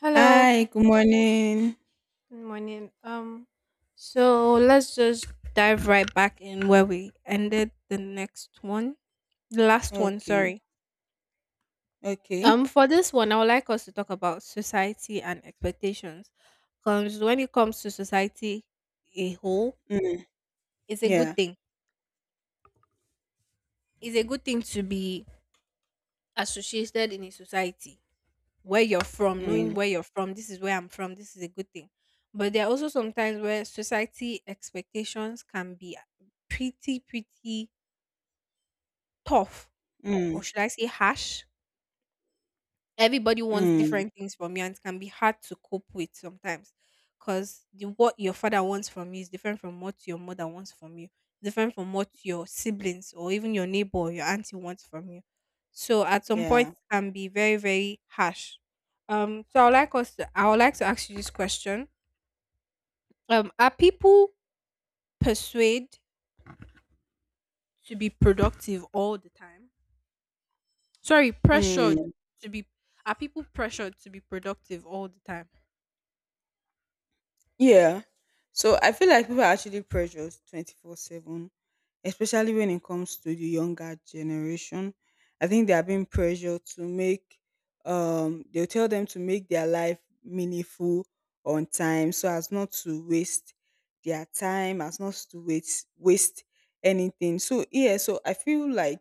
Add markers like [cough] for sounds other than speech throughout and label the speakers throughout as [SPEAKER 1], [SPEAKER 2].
[SPEAKER 1] Hello,
[SPEAKER 2] Hi, good morning.
[SPEAKER 1] good morning. So let's just dive right back in where we ended the next one, the last one,
[SPEAKER 2] Okay,
[SPEAKER 1] sorry.
[SPEAKER 2] okay.
[SPEAKER 1] For this one, I would like us to talk about society and expectations. Because when it comes to society a whole,
[SPEAKER 2] Mm,
[SPEAKER 1] it's a good
[SPEAKER 2] yeah.
[SPEAKER 1] thing. It's a good thing to be associated in a society where you're from, knowing
[SPEAKER 2] Mm,
[SPEAKER 1] where you're from, this is where I'm from, this is a good thing. But there are also sometimes where society expectations can be pretty tough, or
[SPEAKER 2] mm,
[SPEAKER 1] should I say harsh, everybody wants
[SPEAKER 2] mm,
[SPEAKER 1] different things from you and it can be hard to cope with sometimes because the what your father wants from you is different from what your mother wants from you different from what your siblings or even your neighbor or your auntie wants from you so at some point
[SPEAKER 2] yeah.
[SPEAKER 1] it can be very harsh. I would like to ask you this question. Um, are people persuaded to be productive all the time, sorry, pressured
[SPEAKER 2] Mm.
[SPEAKER 1] to be, are people pressured to be productive all the time?
[SPEAKER 2] Yeah. So I feel like people are actually pressured 24/7, especially when it comes to the younger generation. I think they are being pressured to make they'll tell them to make their life meaningful on time, so as not to waste their time, as not to waste anything. So yeah, so I feel like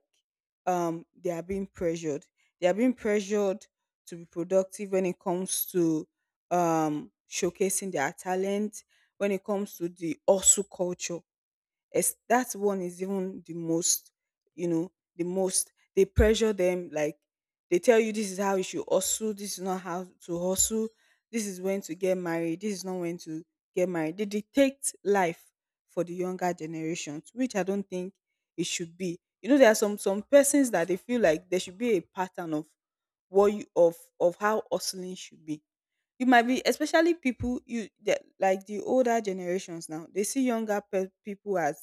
[SPEAKER 2] they are being pressured. They are being pressured to be productive when it comes to showcasing their talent. When it comes to the also culture, that one is even you know, the most. They pressure them like they tell you, this is how you should hustle, this is not how to hustle, this is when to get married, this is not when to get married. They dictate life for the younger generations, which I don't think it should be. You know, there are some persons that, they feel like there should be a pattern of what you of how hustling should be. You might be especially people you the like the older generations now, they see younger people as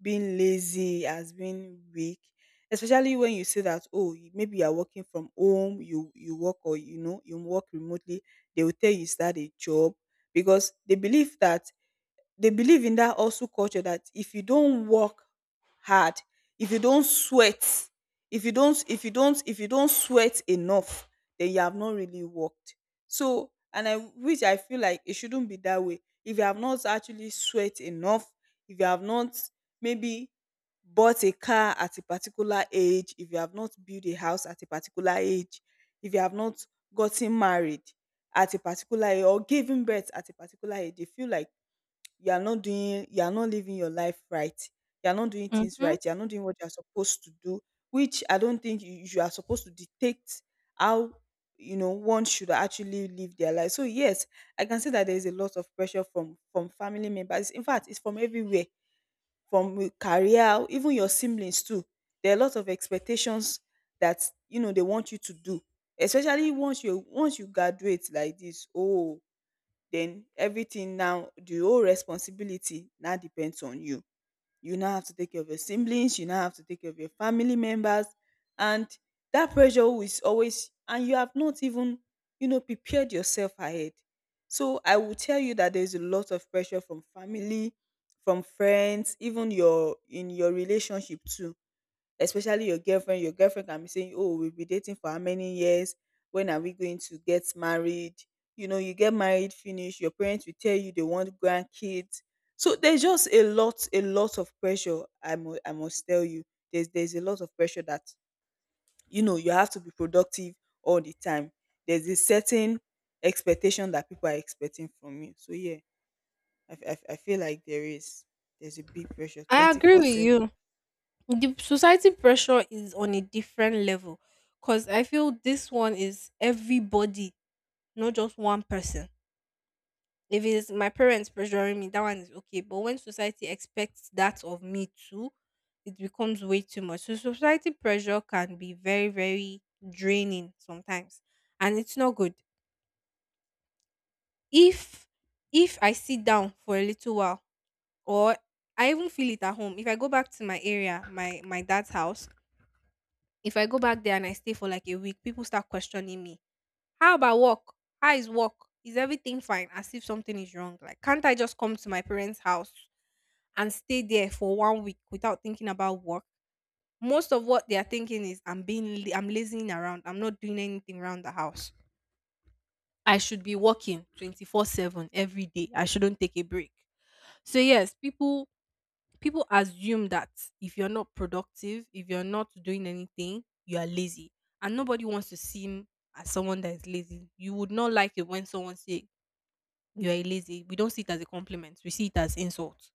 [SPEAKER 2] being lazy, as being weak. Especially when you say that, oh, maybe you are working from home, you work, or you work remotely, they will tell you start a job, because they believe in that also culture, that if you don't work hard, if you don't sweat, if you don't sweat enough, then you have not really worked. So and I which I feel like it shouldn't be that way. If you have not actually sweat enough, if you have not maybe bought a car at a particular age, if you have not built a house at a particular age, if you have not gotten married at a particular age, or given birth at a particular age, they feel like you are not living your life right. You are not doing things
[SPEAKER 1] Mm-hmm.
[SPEAKER 2] right. You are not doing what you are supposed to do, which I don't think you are supposed to dictate how one should actually live their life. So yes, I can say that there is a lot of pressure from family members. In fact, it's from everywhere, from career, even your siblings too. There are a lot of expectations that they want you to do, especially once you graduate like this, oh, then everything now the whole responsibility now depends on you. You now have to take care of your siblings. You now have to take care of your family members, and that pressure is always. And you have not even prepared yourself ahead. So I will tell you that there's a lot of pressure from family, from friends, even your in your relationship too, especially your girlfriend. Your girlfriend can be saying, "Oh, we've been dating for how many years? When are we going to get married?" You know, you get married, finish. Your parents will tell you they want grandkids. So there's just a lot of pressure. I must tell you, there's a lot of pressure that you have to be productive all the time. There's a certain expectation that people are expecting from you. So yeah, I feel like there's a big pressure,
[SPEAKER 1] I
[SPEAKER 2] twenty
[SPEAKER 1] agree
[SPEAKER 2] four
[SPEAKER 1] with
[SPEAKER 2] seven.
[SPEAKER 1] you. The society pressure is on a different level because I feel this one is everybody, not just one person. If it's my parents pressuring me, that one is okay. But when society expects that of me too, it becomes way too much. So society pressure can be very, very draining sometimes. And it's not good. If if I sit down for a little while or I even feel it at home, if I go back to my area, my dad's house, if I go back there and I stay for like a week, people start questioning me. How about work? How is work? Is everything fine? As if something is wrong. Like, can't I just come to my parents' house and stay there for 1 week without thinking about work? Most of what they are thinking is I'm lazing around. I'm not doing anything around the house. I should be working 24/7 every day. I shouldn't take a break. So yes, people assume that if you're not productive, if you're not doing anything, you are lazy. And nobody wants to seem as someone that is lazy. You would not like it when someone say you are lazy. We don't see it as a compliment. We see it as insult.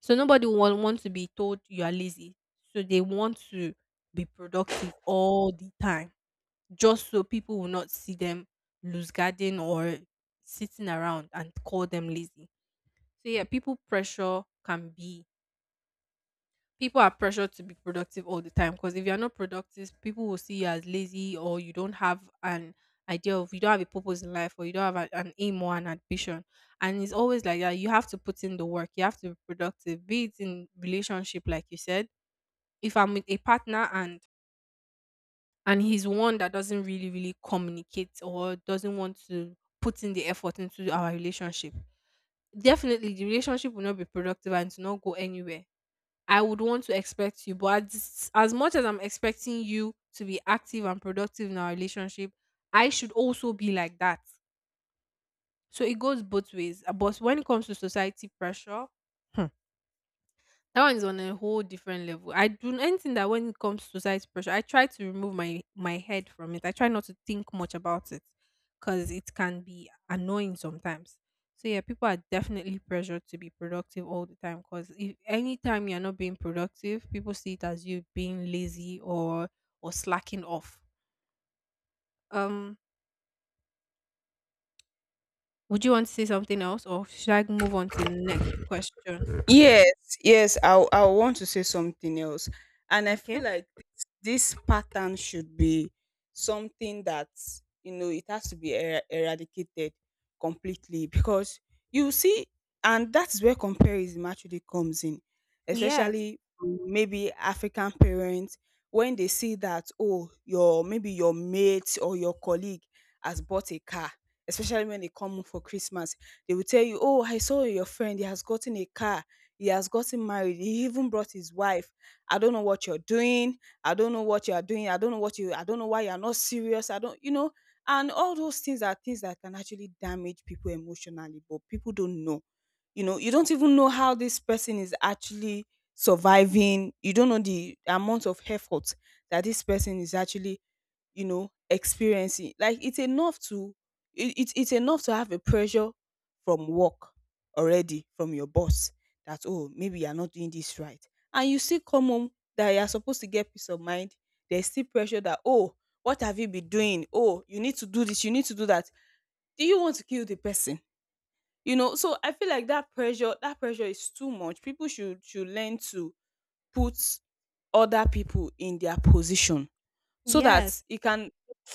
[SPEAKER 1] So nobody will want to be told you are lazy. So they want to be productive all the time. Just so people will not see them loose guarding or sitting around and call them lazy. So yeah, people are pressured to be productive all the time because if you're not productive people will see you as lazy or you don't have a purpose in life or you don't have a- an aim or an ambition. And it's always like that, you have to put in the work, you have to be productive, be it in relationship like you said, if I'm with a partner and he's one that doesn't really communicate or doesn't want to put in the effort into our relationship, definitely the relationship will not be productive and to not go anywhere. I would want to expect you. But as much as I'm expecting you to be active and productive in our relationship, I should also be like that. So it goes both ways. But when it comes to society pressure, [laughs] that one is on a whole different level. I do anything that when it comes to society pressure, I try to remove my head from it. I try not to think much about it because it can be annoying sometimes. So yeah, people are definitely pressured to be productive all the time because if anytime you're not being productive, people see it as you being lazy or slacking off. Um, would you want to say something else, or should I move on to the next question?
[SPEAKER 2] Yes, [laughs] yes, I want to say something else. And I feel
[SPEAKER 1] Okay.
[SPEAKER 2] like this pattern should be something that, it has to be eradicated completely. Because you see, and that is where comparison actually comes in,
[SPEAKER 1] Yes.
[SPEAKER 2] especially from maybe African parents, when they see that, oh, your maybe your mate or your colleague has bought a car, especially when they come home for Christmas, they will tell you, oh, I saw your friend, he has gotten a car, he has gotten married, he even brought his wife. I don't know what you're doing. I don't know what you are doing. I don't know why you're not serious. I don't you know and all those things are things that can actually damage people emotionally, but people don't know. You know, you don't even know how this person is actually surviving. You don't know the amount of effort that this person is actually experiencing. Like it's enough to have a pressure from work already, from your boss, that, oh, maybe you're not doing this right. And you still come home, that you're supposed to get peace of mind, there's still pressure, that, oh, what have you been doing, oh, you need to do this, you need to do that. Do you want to kill the person? So I feel like that pressure is too much. People should learn to put other people in their position, so that
[SPEAKER 1] Yes.
[SPEAKER 2] it can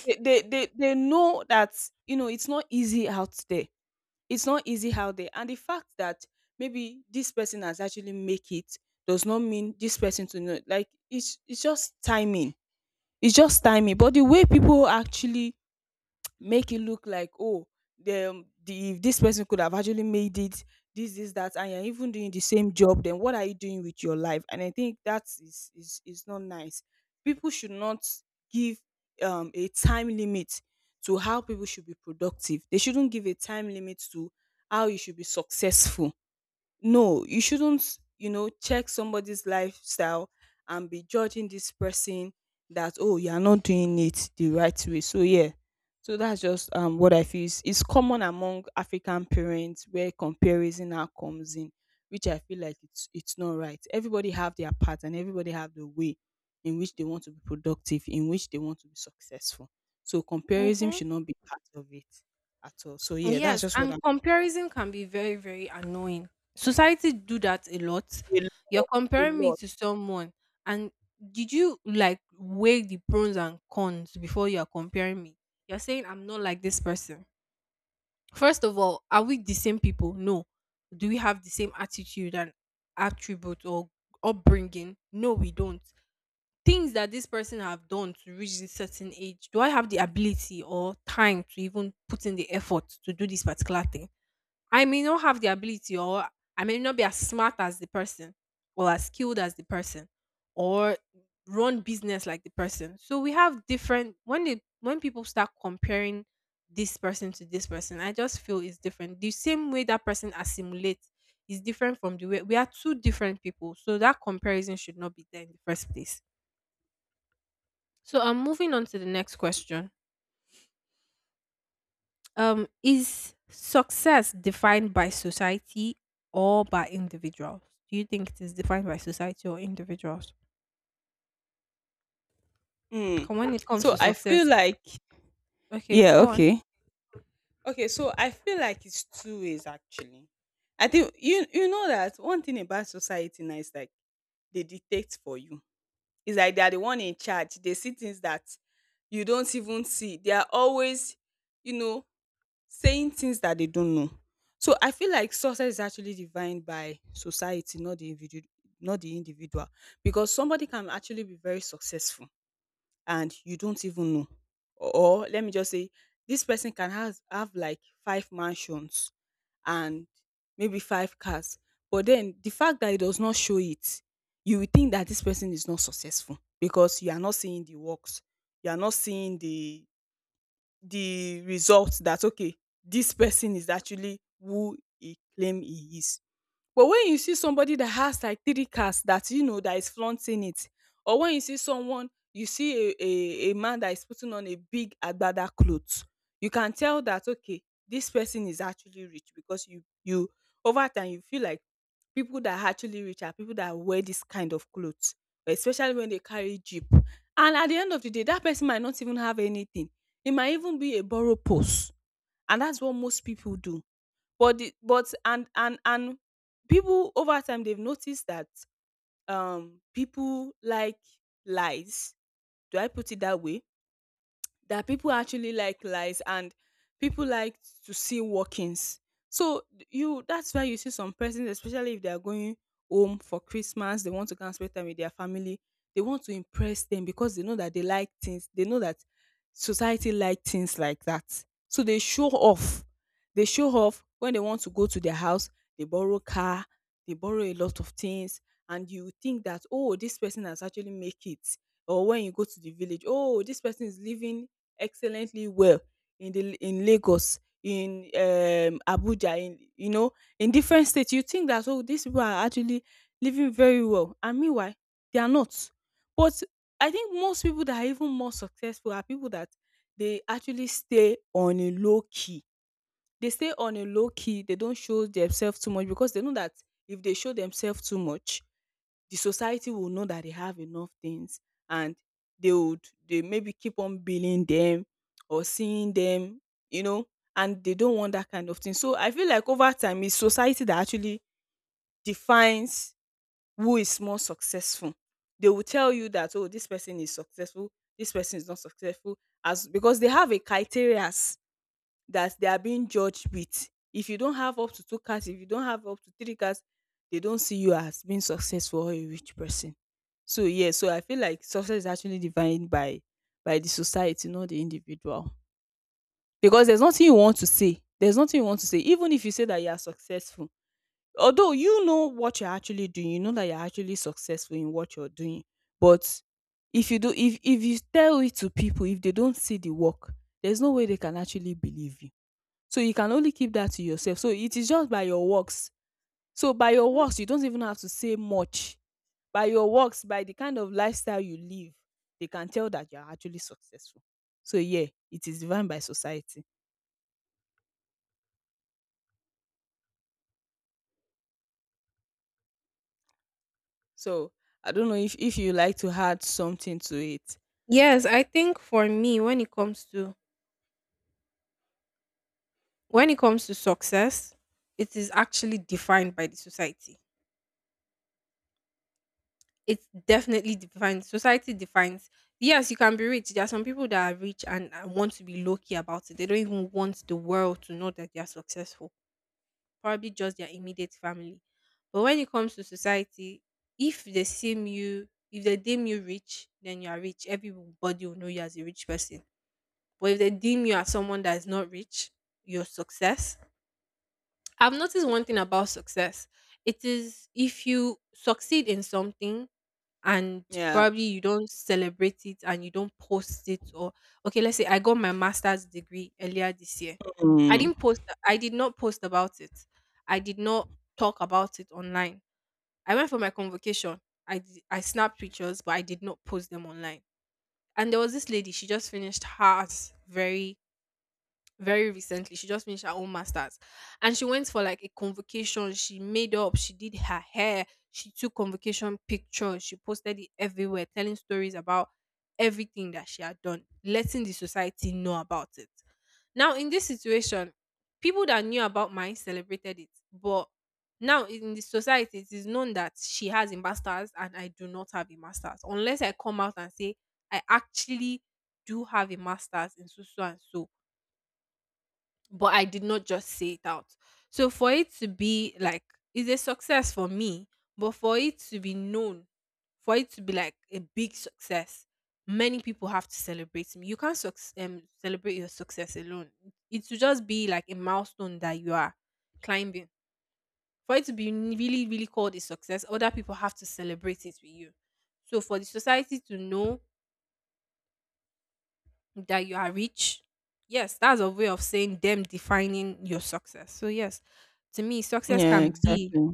[SPEAKER 2] they know that it's not easy out there, it's not easy out there. And the fact that maybe this person has actually make it does not mean this person to know. Like it's just timing, it's just timing. But the way people actually make it look like, oh, the this person could have actually made it, this that, and you're even doing the same job, then what are you doing with your life? And I think that is not nice. People should not give a time limit to how people should be productive. They shouldn't give a time limit to how you should be successful. No, you shouldn't, check somebody's lifestyle and be judging this person, that, oh, you are not doing it the right way. So yeah. So that's just what I feel. Is it's common among African parents, where comparison now comes in, which I feel like it's not right. Everybody have their part, and everybody have the way in which they want to be productive, in which they want to be successful. So comparison
[SPEAKER 1] Mm-hmm.
[SPEAKER 2] should not be part of it at all. So yeah, that's
[SPEAKER 1] Yes,
[SPEAKER 2] just what
[SPEAKER 1] and
[SPEAKER 2] I'm.
[SPEAKER 1] comparison can be very, very annoying. Society do that a lot.
[SPEAKER 2] A
[SPEAKER 1] You're
[SPEAKER 2] lot, a
[SPEAKER 1] comparing me
[SPEAKER 2] lot.
[SPEAKER 1] to someone, and did you like weigh the pros and cons before you are comparing me? You're saying I'm not like this person. First of all, are we the same people? No. Do we have the same attitude and attribute or upbringing? No, we don't. Things that this person have done to reach this certain age, do I have the ability or time to even put in the effort to do this particular thing? I may not have the ability or I may not be as smart as the person or as skilled as the person or run business like the person. So we have different when they when people start comparing this person to this person, I just feel it's different. The same way that person assimilates is different from the way we are two different people. So that comparison should not be there in the first place. So I'm moving on to the next question. Is success defined by society or by individuals? Do you think it is defined by society or individuals?
[SPEAKER 2] Mm.
[SPEAKER 1] 'Cause when it comes
[SPEAKER 2] So
[SPEAKER 1] to
[SPEAKER 2] I feel
[SPEAKER 1] success,
[SPEAKER 2] like.
[SPEAKER 1] okay,
[SPEAKER 2] Yeah,
[SPEAKER 1] go on.
[SPEAKER 2] okay. Okay, so I feel like it's two ways actually. I think you know that one thing about society now is like, they dictate for you. It's like they are the one in charge. They see things that you don't even see. They are always, you know, saying things that they don't know. So I feel like success is actually defined by society, not the individual, not the individual, because somebody can actually be very successful and you don't even know. Or let me just say, this person can have like five mansions and maybe five cars. But then the fact that it does not show it, you will think that this person is not successful, because you are not seeing the works. You are not seeing the results, that, okay, this person is actually who he claim he is. But when you see somebody that has like 3 cars that that is flaunting it, or when you see someone you see a man that is putting on a big agbada clothes, you can tell that, okay, this person is actually rich, because you over time you feel like people that are actually rich are people that wear this kind of clothes, especially when they carry jeep. And at the end of the day, that person might not even have anything. It might even be a borrow purse, and that's what most people do. But the but and people over time they've noticed that people like lies. Do I put it that way? That people actually like lies, and people like to see workings. So you that's why you see some persons, especially if they are going home for Christmas, they want to go and spend time with their family. They want to impress them, because they know that they like things. They know that society like things like that. So they show off. They show off when they want to go to their house. They borrow car. They borrow a lot of things, and you think that, oh, this person has actually make it. Or when you go to the village, oh, this person is living excellently well in Lagos, in Abuja, in different states. You think that, oh, these people are actually living very well, and meanwhile, they are not. But I think most people that are even more successful are people that they actually stay on a low key. They stay on a low key. They don't show themselves too much because they know that if they show themselves too much, the society will know that they have enough things and they would they maybe keep on billing them or seeing them, you know, and they don't want that kind of thing. So I feel like over time it's society that actually defines who is more successful. They will tell you that, oh, this person is successful, this person is not successful, as because they have a criteria that they are being judged with. If you don't have up to two cars, if you don't have up to three cars, they don't see you as being successful or a rich person. So yeah, so I feel like success is actually defined by the society, not the individual. Because there's nothing you want to say. There's nothing you want to say. Even if you say that you are successful, although you know what you're actually doing, you know that you're actually successful in what you're doing. But if you do, if you tell it to people, if they don't see the work, there's no way they can actually believe you. So you can only keep that to yourself. So it is just by your works. So by your
[SPEAKER 1] Hmm.
[SPEAKER 2] works, you don't even have to say much by your works, by the kind of lifestyle you live, they can tell that you're actually successful. So yeah, it is defined by society. So I don't know if you like to add something to it.
[SPEAKER 1] Yes, I think for me, when it comes to success, it is actually defined by the society. It's definitely defined. Society defines. Yes, you can be rich. There are some people that are rich and want to be low key about it. They don't even want the world to know that they are successful, probably just their immediate family. But when it comes to society, if they seem you, if they deem you rich, then you are rich. Everybody will know you as a rich person. But if they deem you as someone that is not rich, your success. I've noticed one thing about success. It is if you succeed in something, and
[SPEAKER 2] Yeah.
[SPEAKER 1] probably you don't celebrate it and you don't post it or okay let's say I got my master's degree earlier this year. i didn't
[SPEAKER 2] Mm.
[SPEAKER 1] post i did not post about it, I did not talk about it online, I went for my convocation, I snapped pictures but I did not post them online. And there was this lady, she just finished hers very very recently. She just finished her own masters and she went for like a convocation. She made up, she did her hair, she took convocation pictures, she posted it everywhere, telling stories about everything that she had done, letting the society know about it. Now, in this situation, people that knew about mine celebrated it, but now in the society, it is known that she has a master's and I do not have a master's. Unless I come out and say I actually do have a master's in so so and so, but I did not just say it out. So for it to be like it's a success for me, but for it to be known, for it to be like a big success, many people have to celebrate me. You can't celebrate your success alone. It should just be like a milestone that you are climbing. For it to be really, really called a success, other people have to celebrate it with you. So for the society to know that you are rich. Yes, that's a way of saying them defining your success. So yes, to me, success
[SPEAKER 2] Yeah, exactly.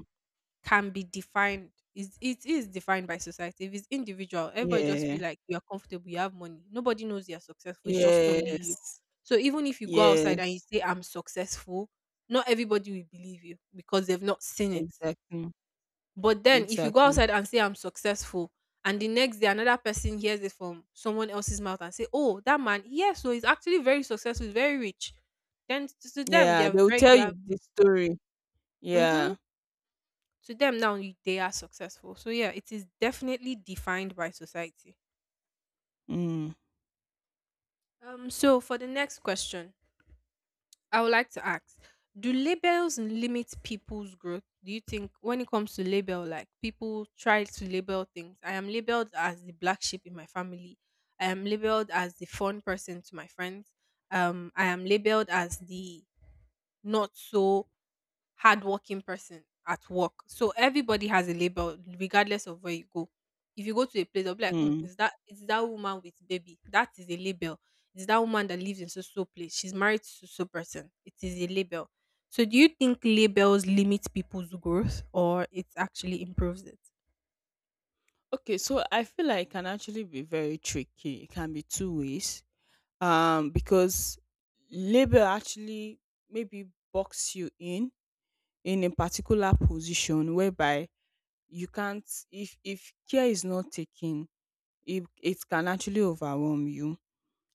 [SPEAKER 1] can be defined. Is it is defined by society. If it's individual, everybody just
[SPEAKER 2] Yeah.
[SPEAKER 1] feel like you are comfortable, you have money. Nobody knows you are successful. It's just only you.
[SPEAKER 2] Yes.
[SPEAKER 1] So even if you go outside and you
[SPEAKER 2] Yes.
[SPEAKER 1] say I'm successful, not everybody will believe you because they've not seen it.
[SPEAKER 2] Exactly.
[SPEAKER 1] But then if you go
[SPEAKER 2] Exactly.
[SPEAKER 1] outside and say I'm successful and the next day another person hears it from someone else's mouth and say, "Oh, that man, yes, so he's actually very successful, he's very rich." Then to them they
[SPEAKER 2] Yeah,
[SPEAKER 1] are
[SPEAKER 2] they'll
[SPEAKER 1] very
[SPEAKER 2] tell
[SPEAKER 1] you
[SPEAKER 2] you
[SPEAKER 1] are
[SPEAKER 2] the story.
[SPEAKER 1] mm-hmm.
[SPEAKER 2] Yeah.
[SPEAKER 1] To them now they are successful. So yeah, it is definitely defined by society.
[SPEAKER 2] Mm.
[SPEAKER 1] So for the next question, I would like to ask, do labels limit people's growth? Do you think when it comes to label, like people try to label things? I am labeled as the black sheep in my family. I am labeled as the fun person to my friends. I am labeled as the not so hardworking person at work. So everybody has a label, regardless of where you go. If you go to a place, they'll be like, mm,
[SPEAKER 2] Mm.
[SPEAKER 1] "Is that it's that woman with baby? That is a label. It's that woman that lives in so so place. She's married to so person. It is a label." So do you think labels limit people's growth or it actually improves it?
[SPEAKER 2] Okay, so I feel like it can actually be very tricky. It can be two ways. Because labor actually maybe box you in a particular position whereby you can't, if care is not taken, it can actually overwhelm you,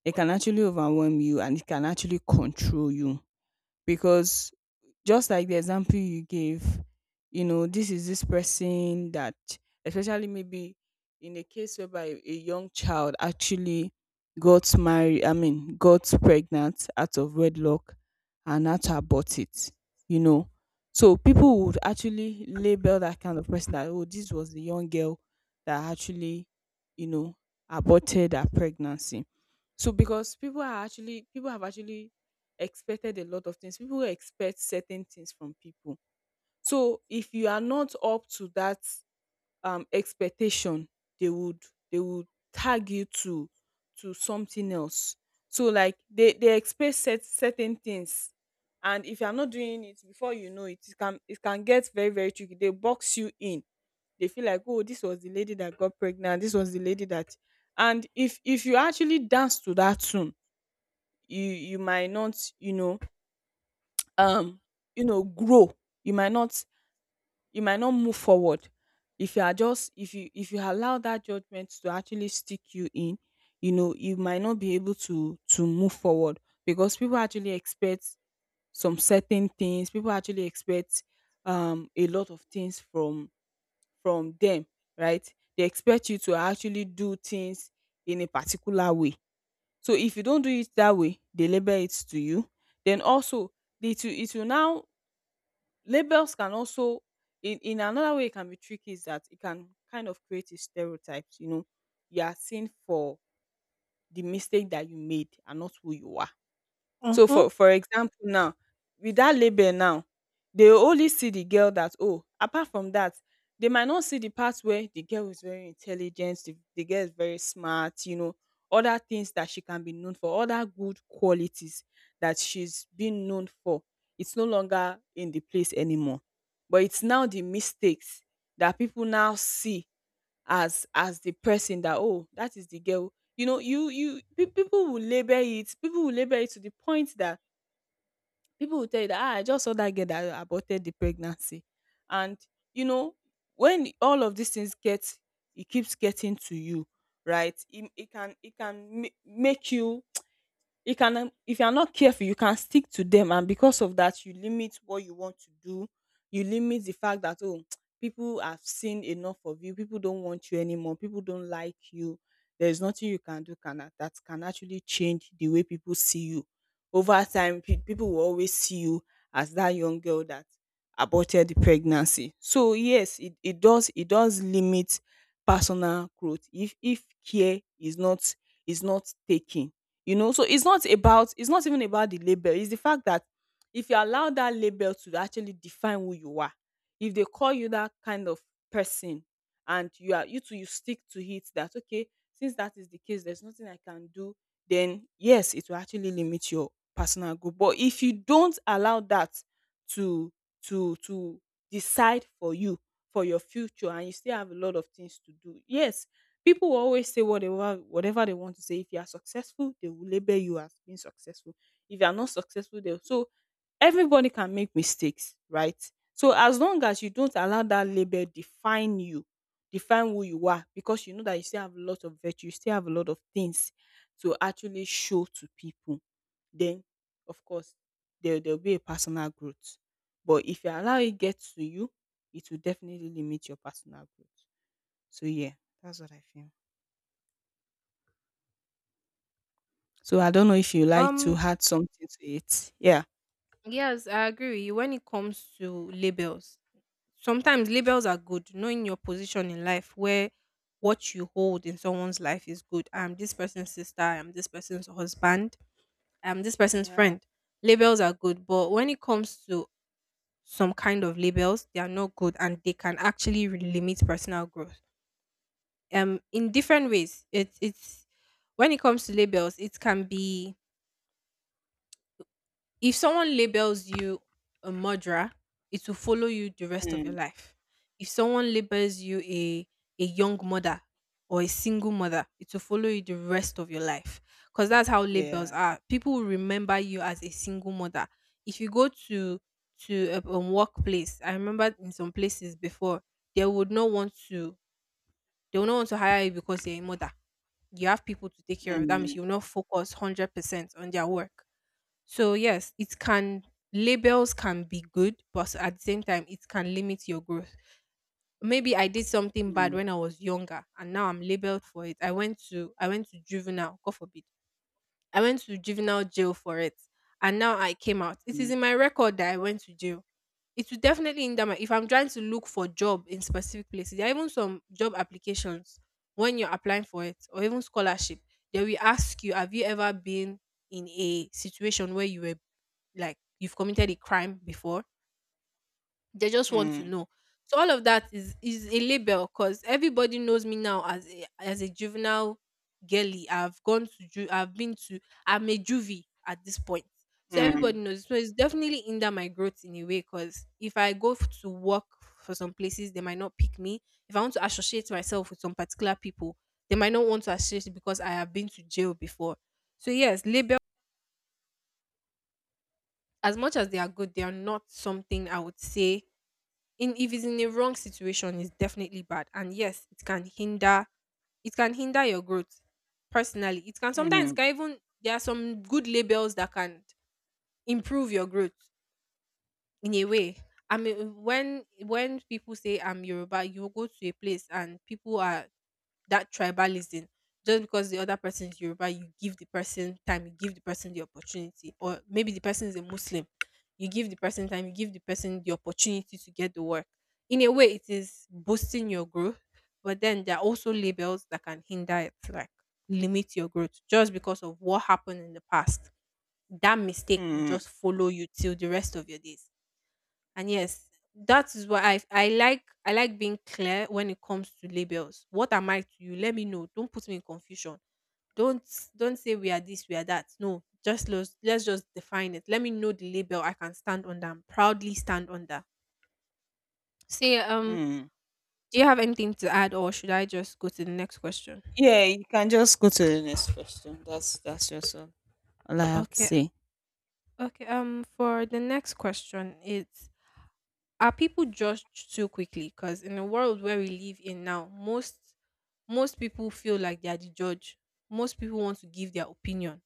[SPEAKER 2] it can actually overwhelm you, and it can actually control you. Because just like the example you gave, you know, this is this person that, especially maybe in a case whereby a young child actually got married, I mean, got pregnant out of wedlock and had to abort it, you know. So people would actually label that kind of person that, oh, this was the young girl that actually, you know, aborted her pregnancy. So because people are actually, people have actually expected a lot of things. People expect certain things from people. So if you are not up to that expectation, they would they would tag you to something else. So like they expect set, certain things, and if you're not doing it, before you know it, it can get very very tricky. They box you in, they feel like, oh, this was the lady that got pregnant, this was the lady that, and if you actually dance to that tune, you might not, you know, um you know, grow, you might not, you might not move forward. If you are just, if you, if you allow that judgment to actually stick you in, you know, you might not be able to move forward, because people actually expect some certain things. People actually expect a lot of things from them, right? They expect you to actually do things in a particular way, so if you don't do it that way, they label it to you. Then also, it will now, labels can also, in another way it can be tricky is that it can kind of create a stereotypes, you know, you are seen for the mistake that you made and not who you are. So
[SPEAKER 1] Mm-hmm.
[SPEAKER 2] for example now, with that label now, they will only see the girl that, oh, apart from that, they might not see the part where the girl is very intelligent, the girl is very smart, you know, other things that she can be known for, other good qualities that she's being known for. It's no longer in the place anymore. But it's now the mistakes that people now see, as the person that, oh, that is the girl. You know, you people will label it, people will label it to the point that people will tell you that, ah, I just saw that girl that aborted the pregnancy. And you know, when all of these things get, it keeps getting to you, right? It can, it can make you, you can, if you are not careful, you can stick to them, and because of that you limit what you want to do. You limit the fact that, oh, [tsk] people have seen enough of you, people don't want you anymore, people don't like you, there's nothing you can do that can actually change the way people see you. Over time, people will always see you as that young girl that aborted the pregnancy. So yes, it does, it does limit personal growth if care is not taken, you know. So it's not about, it's not even about the label, it's the fact that if you allow that label to actually define who you are, if they call you that kind of person and you are, you too you stick to it that, okay, since that is the case, there's nothing I can do, then yes, it will actually limit your personal growth. But if you don't allow that to to decide for you, for your future, and you still have a lot of things to do, yes. People will always say whatever whatever they want to say. If you are successful, they will label you as being successful. If you are not successful, they will. So everybody can make mistakes, right? So as long as you don't allow that label define you, define who you are, because you know that you still have a lot of virtue, you still have a lot of things to actually show to people, then of course there there'll be a personal growth. But if you allow it get to you, it will definitely limit your personal growth. So yeah, that's what I feel. So I don't know if you like to
[SPEAKER 1] Um,
[SPEAKER 2] add something to it. Yeah.
[SPEAKER 1] Yes, I agree with you. When it comes to labels, sometimes labels are good. Knowing your position in life, where what you hold in someone's life is good. I'm this person's sister. I'm this person's husband. I'm this person's
[SPEAKER 2] Yeah.
[SPEAKER 1] friend. Labels are good, but when it comes to some kind of labels, they are not good, and they can actually limit personal growth. In different ways. It's when it comes to labels, it can be if someone labels you a murderer, it will follow you the rest of your
[SPEAKER 2] Mm,
[SPEAKER 1] life. If someone labels you a young mother or a single mother, it will follow you the rest of your life. Because that's how labels
[SPEAKER 2] yeah.
[SPEAKER 1] are. People will remember you as a single mother. If you go to a workplace, I remember in some places before they would not want to they would not want to hire you because you're a mother. You have people to take care of. That means
[SPEAKER 2] Mm,
[SPEAKER 1] you will not focus 100% on their work, so yes, it can, labels can be good, but at the same time, it can limit your growth. Maybe I did something bad
[SPEAKER 2] mm,
[SPEAKER 1] when I was younger, and now I'm labeled for it. I went to juvenile, God forbid. I went to juvenile jail for it, and now I came out. It is
[SPEAKER 2] mm,
[SPEAKER 1] in my record that I went to jail. It will definitely hinder my. If I'm trying to look for job in specific places, there are even some job applications when you're applying for it, or even scholarship. They will ask you, have you ever been in a situation where you were like you've committed a crime before. They just want to
[SPEAKER 2] mm,
[SPEAKER 1] know. So all of that is a label because everybody knows me now as a juvenile girly. I've been to I'm a juvie at this point. So
[SPEAKER 2] mm,
[SPEAKER 1] everybody knows. So it's definitely hinder my growth in a way because if I go to work for some places, they might not pick me. If I want to associate myself with some particular people, they might not want to associate because I have been to jail before. So yes, label, as much as they are good, they are not something I would say, in if it's in a wrong situation it's definitely bad, and yes it can hinder, it can hinder your growth personally. It can sometimes it
[SPEAKER 2] mm,
[SPEAKER 1] can even, there are some good labels that can improve your growth in a way. I mean, when people say I'm Yoruba, you go to a place and people are, that tribalism, just because the other person is Yoruba, you give the person time, you give the person the opportunity, or maybe the person is a Muslim, you give the person time, you give the person the opportunity to get the work. In a way, it is boosting your growth, but then there are also labels that can hinder it, like limit your growth just because of what happened in the past. That mistake will
[SPEAKER 2] mm,
[SPEAKER 1] just follow you till the rest of your days. And yes, that is why I like being clear when it comes to labels. What am I to you? Let me know. Don't put me in confusion. Don't don't say we are this, we are that. No, just let's just define it. Let me know the label I can stand under and proudly stand under. Say,
[SPEAKER 2] mm.
[SPEAKER 1] do you have anything to add or should I just go to the next question?
[SPEAKER 2] Yeah, you can just go to the next question. That's just all I have to
[SPEAKER 1] Okay.
[SPEAKER 2] say.
[SPEAKER 1] Okay. For the next question, it's, are people judged too quickly? Because in the world where we live in now, most people feel like they are the judge. Most people want to give their opinion.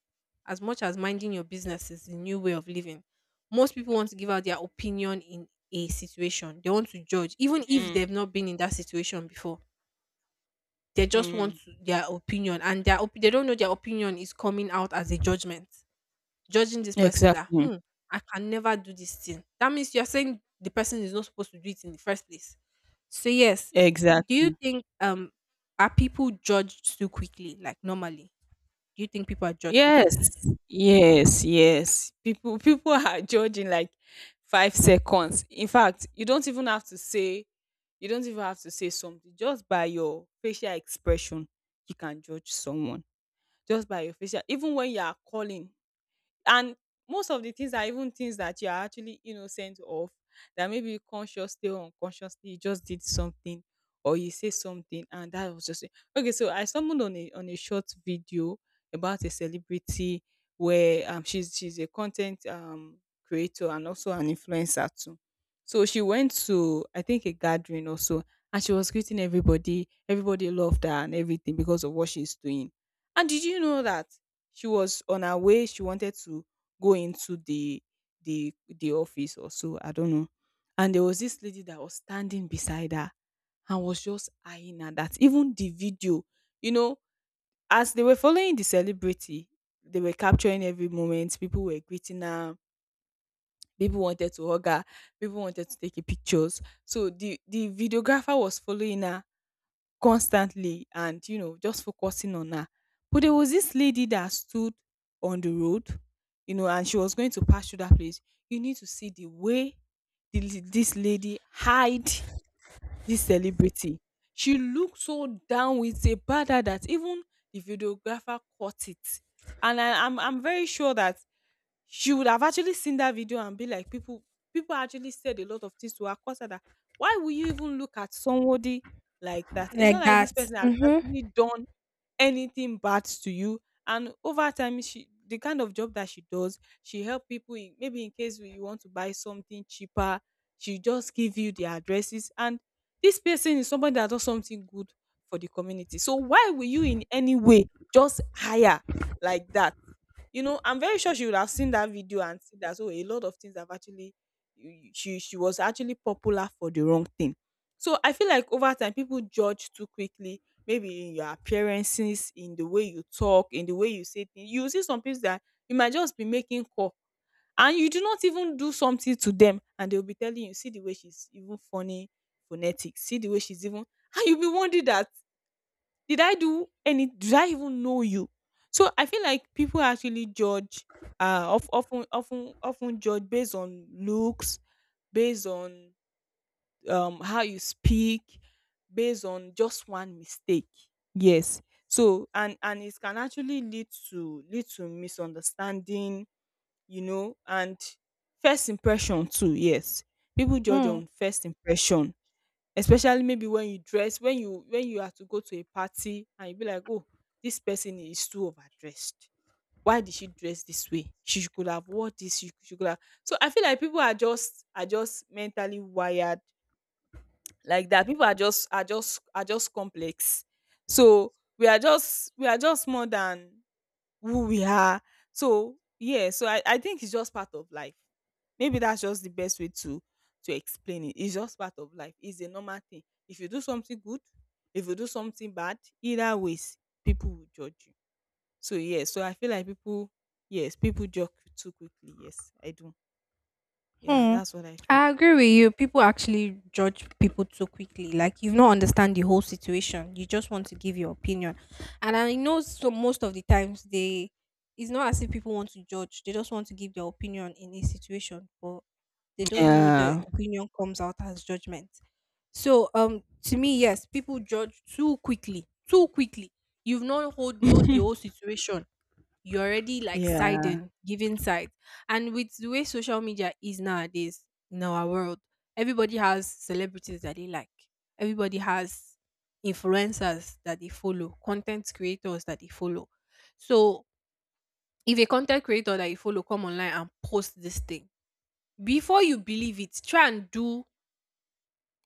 [SPEAKER 1] As much as minding your business is a new way of living, most people want to give out their opinion in a situation. They want to judge, even if
[SPEAKER 2] Mm,
[SPEAKER 1] they've not been in that situation before. They just want
[SPEAKER 2] mm.
[SPEAKER 1] to, their opinion, and their they don't know their opinion is coming out as a judgment, judging this person that
[SPEAKER 2] Exactly.
[SPEAKER 1] hmm, I can never do this thing. That means you're saying the person is not supposed to do it in the first place. So yes, do
[SPEAKER 2] Exactly.
[SPEAKER 1] you think are people judged too quickly? Like normally, do you think people are judged too
[SPEAKER 2] Yes,
[SPEAKER 1] quickly?
[SPEAKER 2] yes, yes. People people [laughs] are judging like 5 seconds. In fact, you don't even have to say, you don't even have to say something. Just by your facial expression, you can judge someone. Just by your facial, even when you are calling, and most of the things are even things that you are actually innocent of, that maybe consciously or unconsciously you just did something or you say something and that was just it. Okay, so I stumbled on a short video about a celebrity, where she's a content creator and also an influencer too. So she went to I think a gathering also, and she was greeting everybody, everybody loved her and everything because of what she's doing. And did you know that she was on her way, she wanted to go into the office or so, I don't know, and there was this lady that was standing beside her and was just eyeing her, that even the video, you know, as they were following the celebrity, they were capturing every moment. People were greeting her, people wanted to hug her, people wanted to take a pictures. So the videographer was following her constantly and, you know, just focusing on her. But there was this lady that stood on the road, you know, and she was going to pass through that place. You need to see the way the, this lady hide this celebrity. She looked so down with a bad that even the videographer caught it. And I'm very sure that she would have actually seen that video and be like people, people actually said a lot of things to her, cause her that, why will you even look at somebody like that? It's
[SPEAKER 1] Like
[SPEAKER 2] not like this
[SPEAKER 1] that.
[SPEAKER 2] person has actually
[SPEAKER 1] Mm-hmm.
[SPEAKER 2] done anything bad to you. And over time, she, the kind of job that she does, she help people in, maybe in case you want to buy something cheaper, she just give you the addresses. And this person is somebody that does something good for the community, so why will you in any way just hire like that? You know, I'm very sure she would have seen that video and see that, oh, a lot of things have actually, she was actually popular for the wrong thing. So I feel like over time people judge too quickly, maybe in your appearances, in the way you talk, in the way you say things. You will see some people that you might just be making call and you do not even do something to them and they'll be telling you, see the way she's even funny phonetics, see the way she's even [laughs] and you'll be wondering that, did I even know you? So I feel like people actually judge of, often often often judge based on looks, based on how you speak, based on just one mistake. Yes. So and it can actually lead to lead to misunderstanding, you know, and first impression too, yes. People judge on first impression, especially maybe when you dress, when you are to go to a party and you be like, oh, this person is too overdressed, why did she dress this way, she could have wore this, she could have. So I feel like people are just, are just mentally wired like that. People are just, are just complex. So we are just, we are just more than who we are. So yeah, so I think it's just part of life. Maybe that's just the best way to explain it. It's just part of life. It's a normal thing. If you do something good, if you do something bad, either ways, people will judge you. So yeah, so I feel like people, yes, people judge too quickly. Yes, I do. Yeah,
[SPEAKER 1] Hmm.
[SPEAKER 2] that's what I feel.
[SPEAKER 1] I agree with you. People actually judge people too quickly. Like you've not understand the whole situation. You just want to give your opinion. And I know so most of the times they, it's not as if people want to judge. They just want to give their opinion in a situation, but they don't know the
[SPEAKER 2] Yeah.
[SPEAKER 1] opinion comes out as judgment. So um, to me, yes, people judge too quickly. Too quickly. You've not hold know the whole
[SPEAKER 2] [laughs]
[SPEAKER 1] situation, you're already like
[SPEAKER 2] Yeah.
[SPEAKER 1] siding, giving side. And with the way social media is nowadays in our world, everybody has celebrities that they like. Everybody has influencers that they follow, content creators that they follow. So if a content creator that you follow come online and post this thing, before you believe it, try and do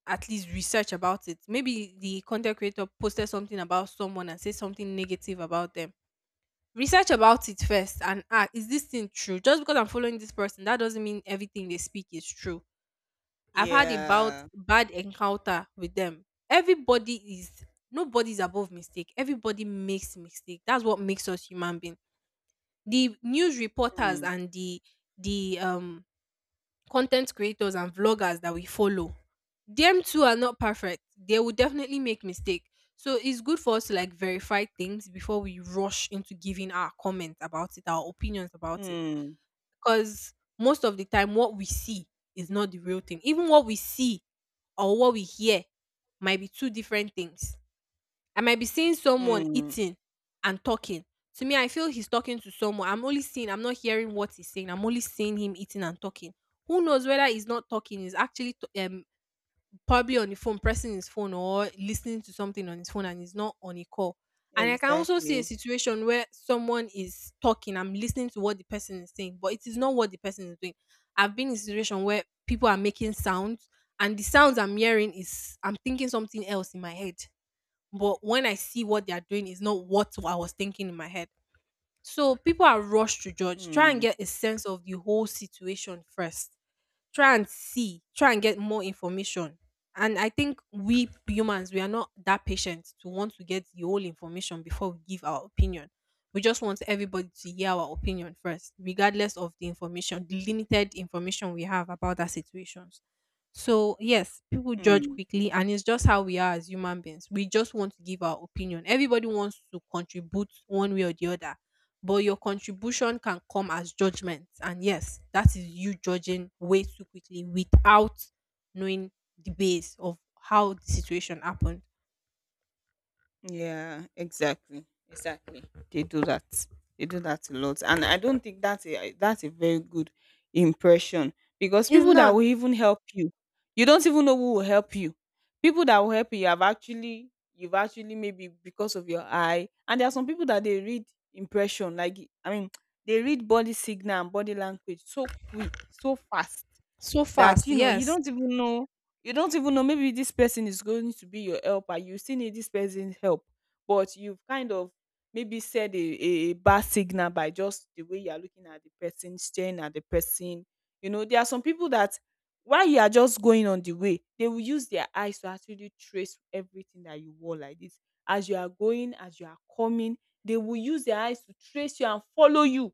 [SPEAKER 1] at least research about it. Maybe the content creator posted something about someone and said something negative about them. Research about it first and ah, is this thing true? Just because I'm following this person, that doesn't mean everything they speak is true. I've had about
[SPEAKER 2] Yeah.
[SPEAKER 1] bad encounter with them. Everybody is, nobody's above mistake, everybody makes mistake. That's what makes us human being. The news reporters
[SPEAKER 2] Mm,
[SPEAKER 1] and the um, content creators and vloggers that we follow, them too are not perfect. They will definitely make mistake. So it's good for us to like verify things before we rush into giving our comment about it, our opinions about it.
[SPEAKER 2] mm,
[SPEAKER 1] Because most of the time what we see is not the real thing. Even what we see or what we hear might be two different things. I might be seeing someone
[SPEAKER 2] mm.
[SPEAKER 1] eating and talking. To me, I feel he's talking to someone. I'm only seeing, I'm not hearing what he's saying. I'm only seeing him eating and talking. Who knows whether he's not talking, he's actually probably on the phone, pressing his phone or listening to something on his phone and he's not on a call. And I can also see a
[SPEAKER 2] Exactly.
[SPEAKER 1] situation where someone is talking, I'm listening to what the person is saying, but it is not what the person is doing. I've been in a situation where people are making sounds and the sounds I'm hearing is I'm thinking something else in my head, but when I see what they are doing, it's not what I was thinking in my head. So people are rushed to judge. Try and
[SPEAKER 2] Mm,
[SPEAKER 1] get a sense of the whole situation first, try and see, try and get more information. And I think we humans, we are not that patient to want to get the whole information before we give our opinion. We just want everybody to hear our opinion first, regardless of the information, the limited information we have about that situations. So yes, people judge
[SPEAKER 2] mm.
[SPEAKER 1] quickly, and it's just how we are as human beings. We just want to give our opinion. Everybody wants to contribute one way or the other, but your contribution can come as judgment, and yes that is you judging way too quickly without knowing the base of how the situation happened.
[SPEAKER 2] Yeah, exactly, exactly. They do that. They do that a lot, and I don't think that's a, that's a very good impression, because
[SPEAKER 1] It's
[SPEAKER 2] people that
[SPEAKER 1] not
[SPEAKER 2] will even help you, you don't even know who will help you. People that will help you, you have actually, you've actually, maybe because of your eye. And there are some people that they read impression, like I mean [tsk] they read body signal and body language so quick, so fast,
[SPEAKER 1] so
[SPEAKER 2] that
[SPEAKER 1] fast,
[SPEAKER 2] you know you
[SPEAKER 1] yes,
[SPEAKER 2] don't even know, you don't even know, maybe this person is going to be your helper, you still need this person's help, but you've kind of maybe said a, a bad signal by just the way you are looking at the person, staring at the person. You know, there are some people that while you are just going on the way, they will use their eyes to actually trace everything that you wore, like this, as you are going, as you are coming, they will use their eyes to trace you and follow you,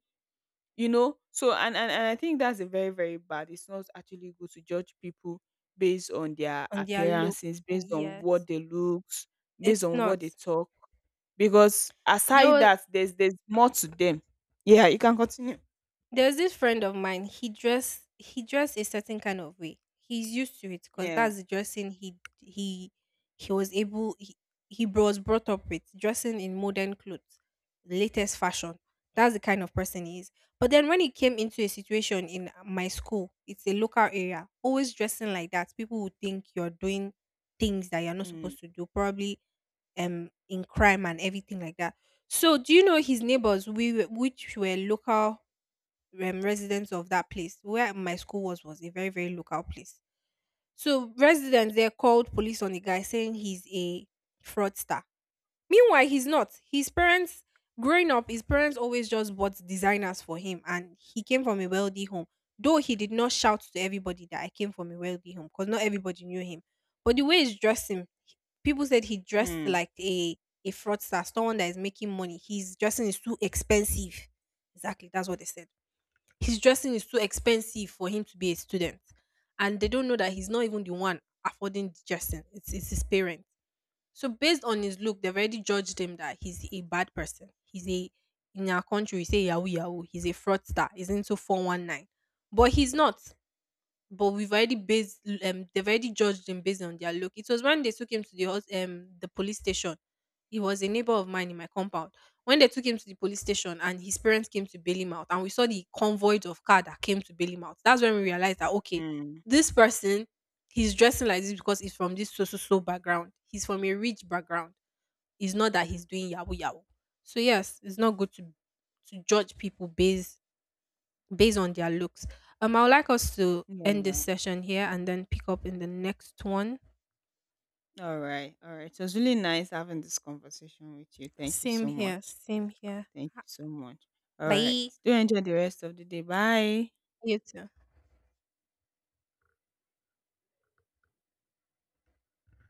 [SPEAKER 2] you know. So and I think that's a very, very bad, it's not actually good to judge people based on their
[SPEAKER 1] on their look,
[SPEAKER 2] appearances, based on what
[SPEAKER 1] yes,
[SPEAKER 2] they looks, based
[SPEAKER 1] it's
[SPEAKER 2] on what
[SPEAKER 1] not,
[SPEAKER 2] they talk, because
[SPEAKER 1] there
[SPEAKER 2] aside
[SPEAKER 1] was,
[SPEAKER 2] that, there's more to them. Yeah, you can continue.
[SPEAKER 1] there was this friend of mine. He dressed, he dressed a certain kind of way. He's used to it because
[SPEAKER 2] Yeah.
[SPEAKER 1] that's the dressing he was able, he was brought up with dressing in modern clothes, the latest fashion. That's the kind of person he is. But then when he came into a situation in my school, it's a local area, always dressing like that, people would think you're doing things that you're not
[SPEAKER 2] Mm,
[SPEAKER 1] supposed to do, probably um, in crime and everything like that. So do you know his neighbors we were, which were local residents of that place. Where my school was a very very local place. So residents there called police on the guy saying he's a fraudster. Meanwhile, he's not. His parents, growing up, his parents always just bought designers for him, and he came from a wealthy home. Though he did not shout to everybody that I came from a wealthy home, because not everybody knew him. But the way he's dressing, people said he dressed
[SPEAKER 2] mm,
[SPEAKER 1] like a fraudster, someone that is making money. His dressing is too expensive. Exactly, that's what they said, his dressing is too expensive for him to be a student, and they don't know that he's not even the one affording the dressing, it's his parents. So based on his look they've already judged him that he's a bad person, he's a, in our country we say yahoo yahoo, he's a fraudster, he's into 419, but he's not, but we've already based they've already judged him based on their look. It was when they took him to the the police station. He was a neighbor of mine in my compound. When they took him to the police station and his parents came to bail him out, and we saw the convoy of car that came to bail him out, that's when we realized that okay,
[SPEAKER 2] mm.
[SPEAKER 1] this person, he's dressing like this because he's from this so so so background. He's from a rich background. It's not that he's doing yahoo yahoo. So yes, it's not good to judge people based based on their looks. I would like us to end this
[SPEAKER 2] Yeah,
[SPEAKER 1] session here and then pick up in the next one.
[SPEAKER 2] all right, all right, it was really nice having this conversation with you, thank you
[SPEAKER 1] Same
[SPEAKER 2] so
[SPEAKER 1] here,
[SPEAKER 2] much.
[SPEAKER 1] same here.
[SPEAKER 2] Thank you so much. All right,
[SPEAKER 1] Bye.
[SPEAKER 2] do enjoy the rest of the day, bye.
[SPEAKER 1] You too.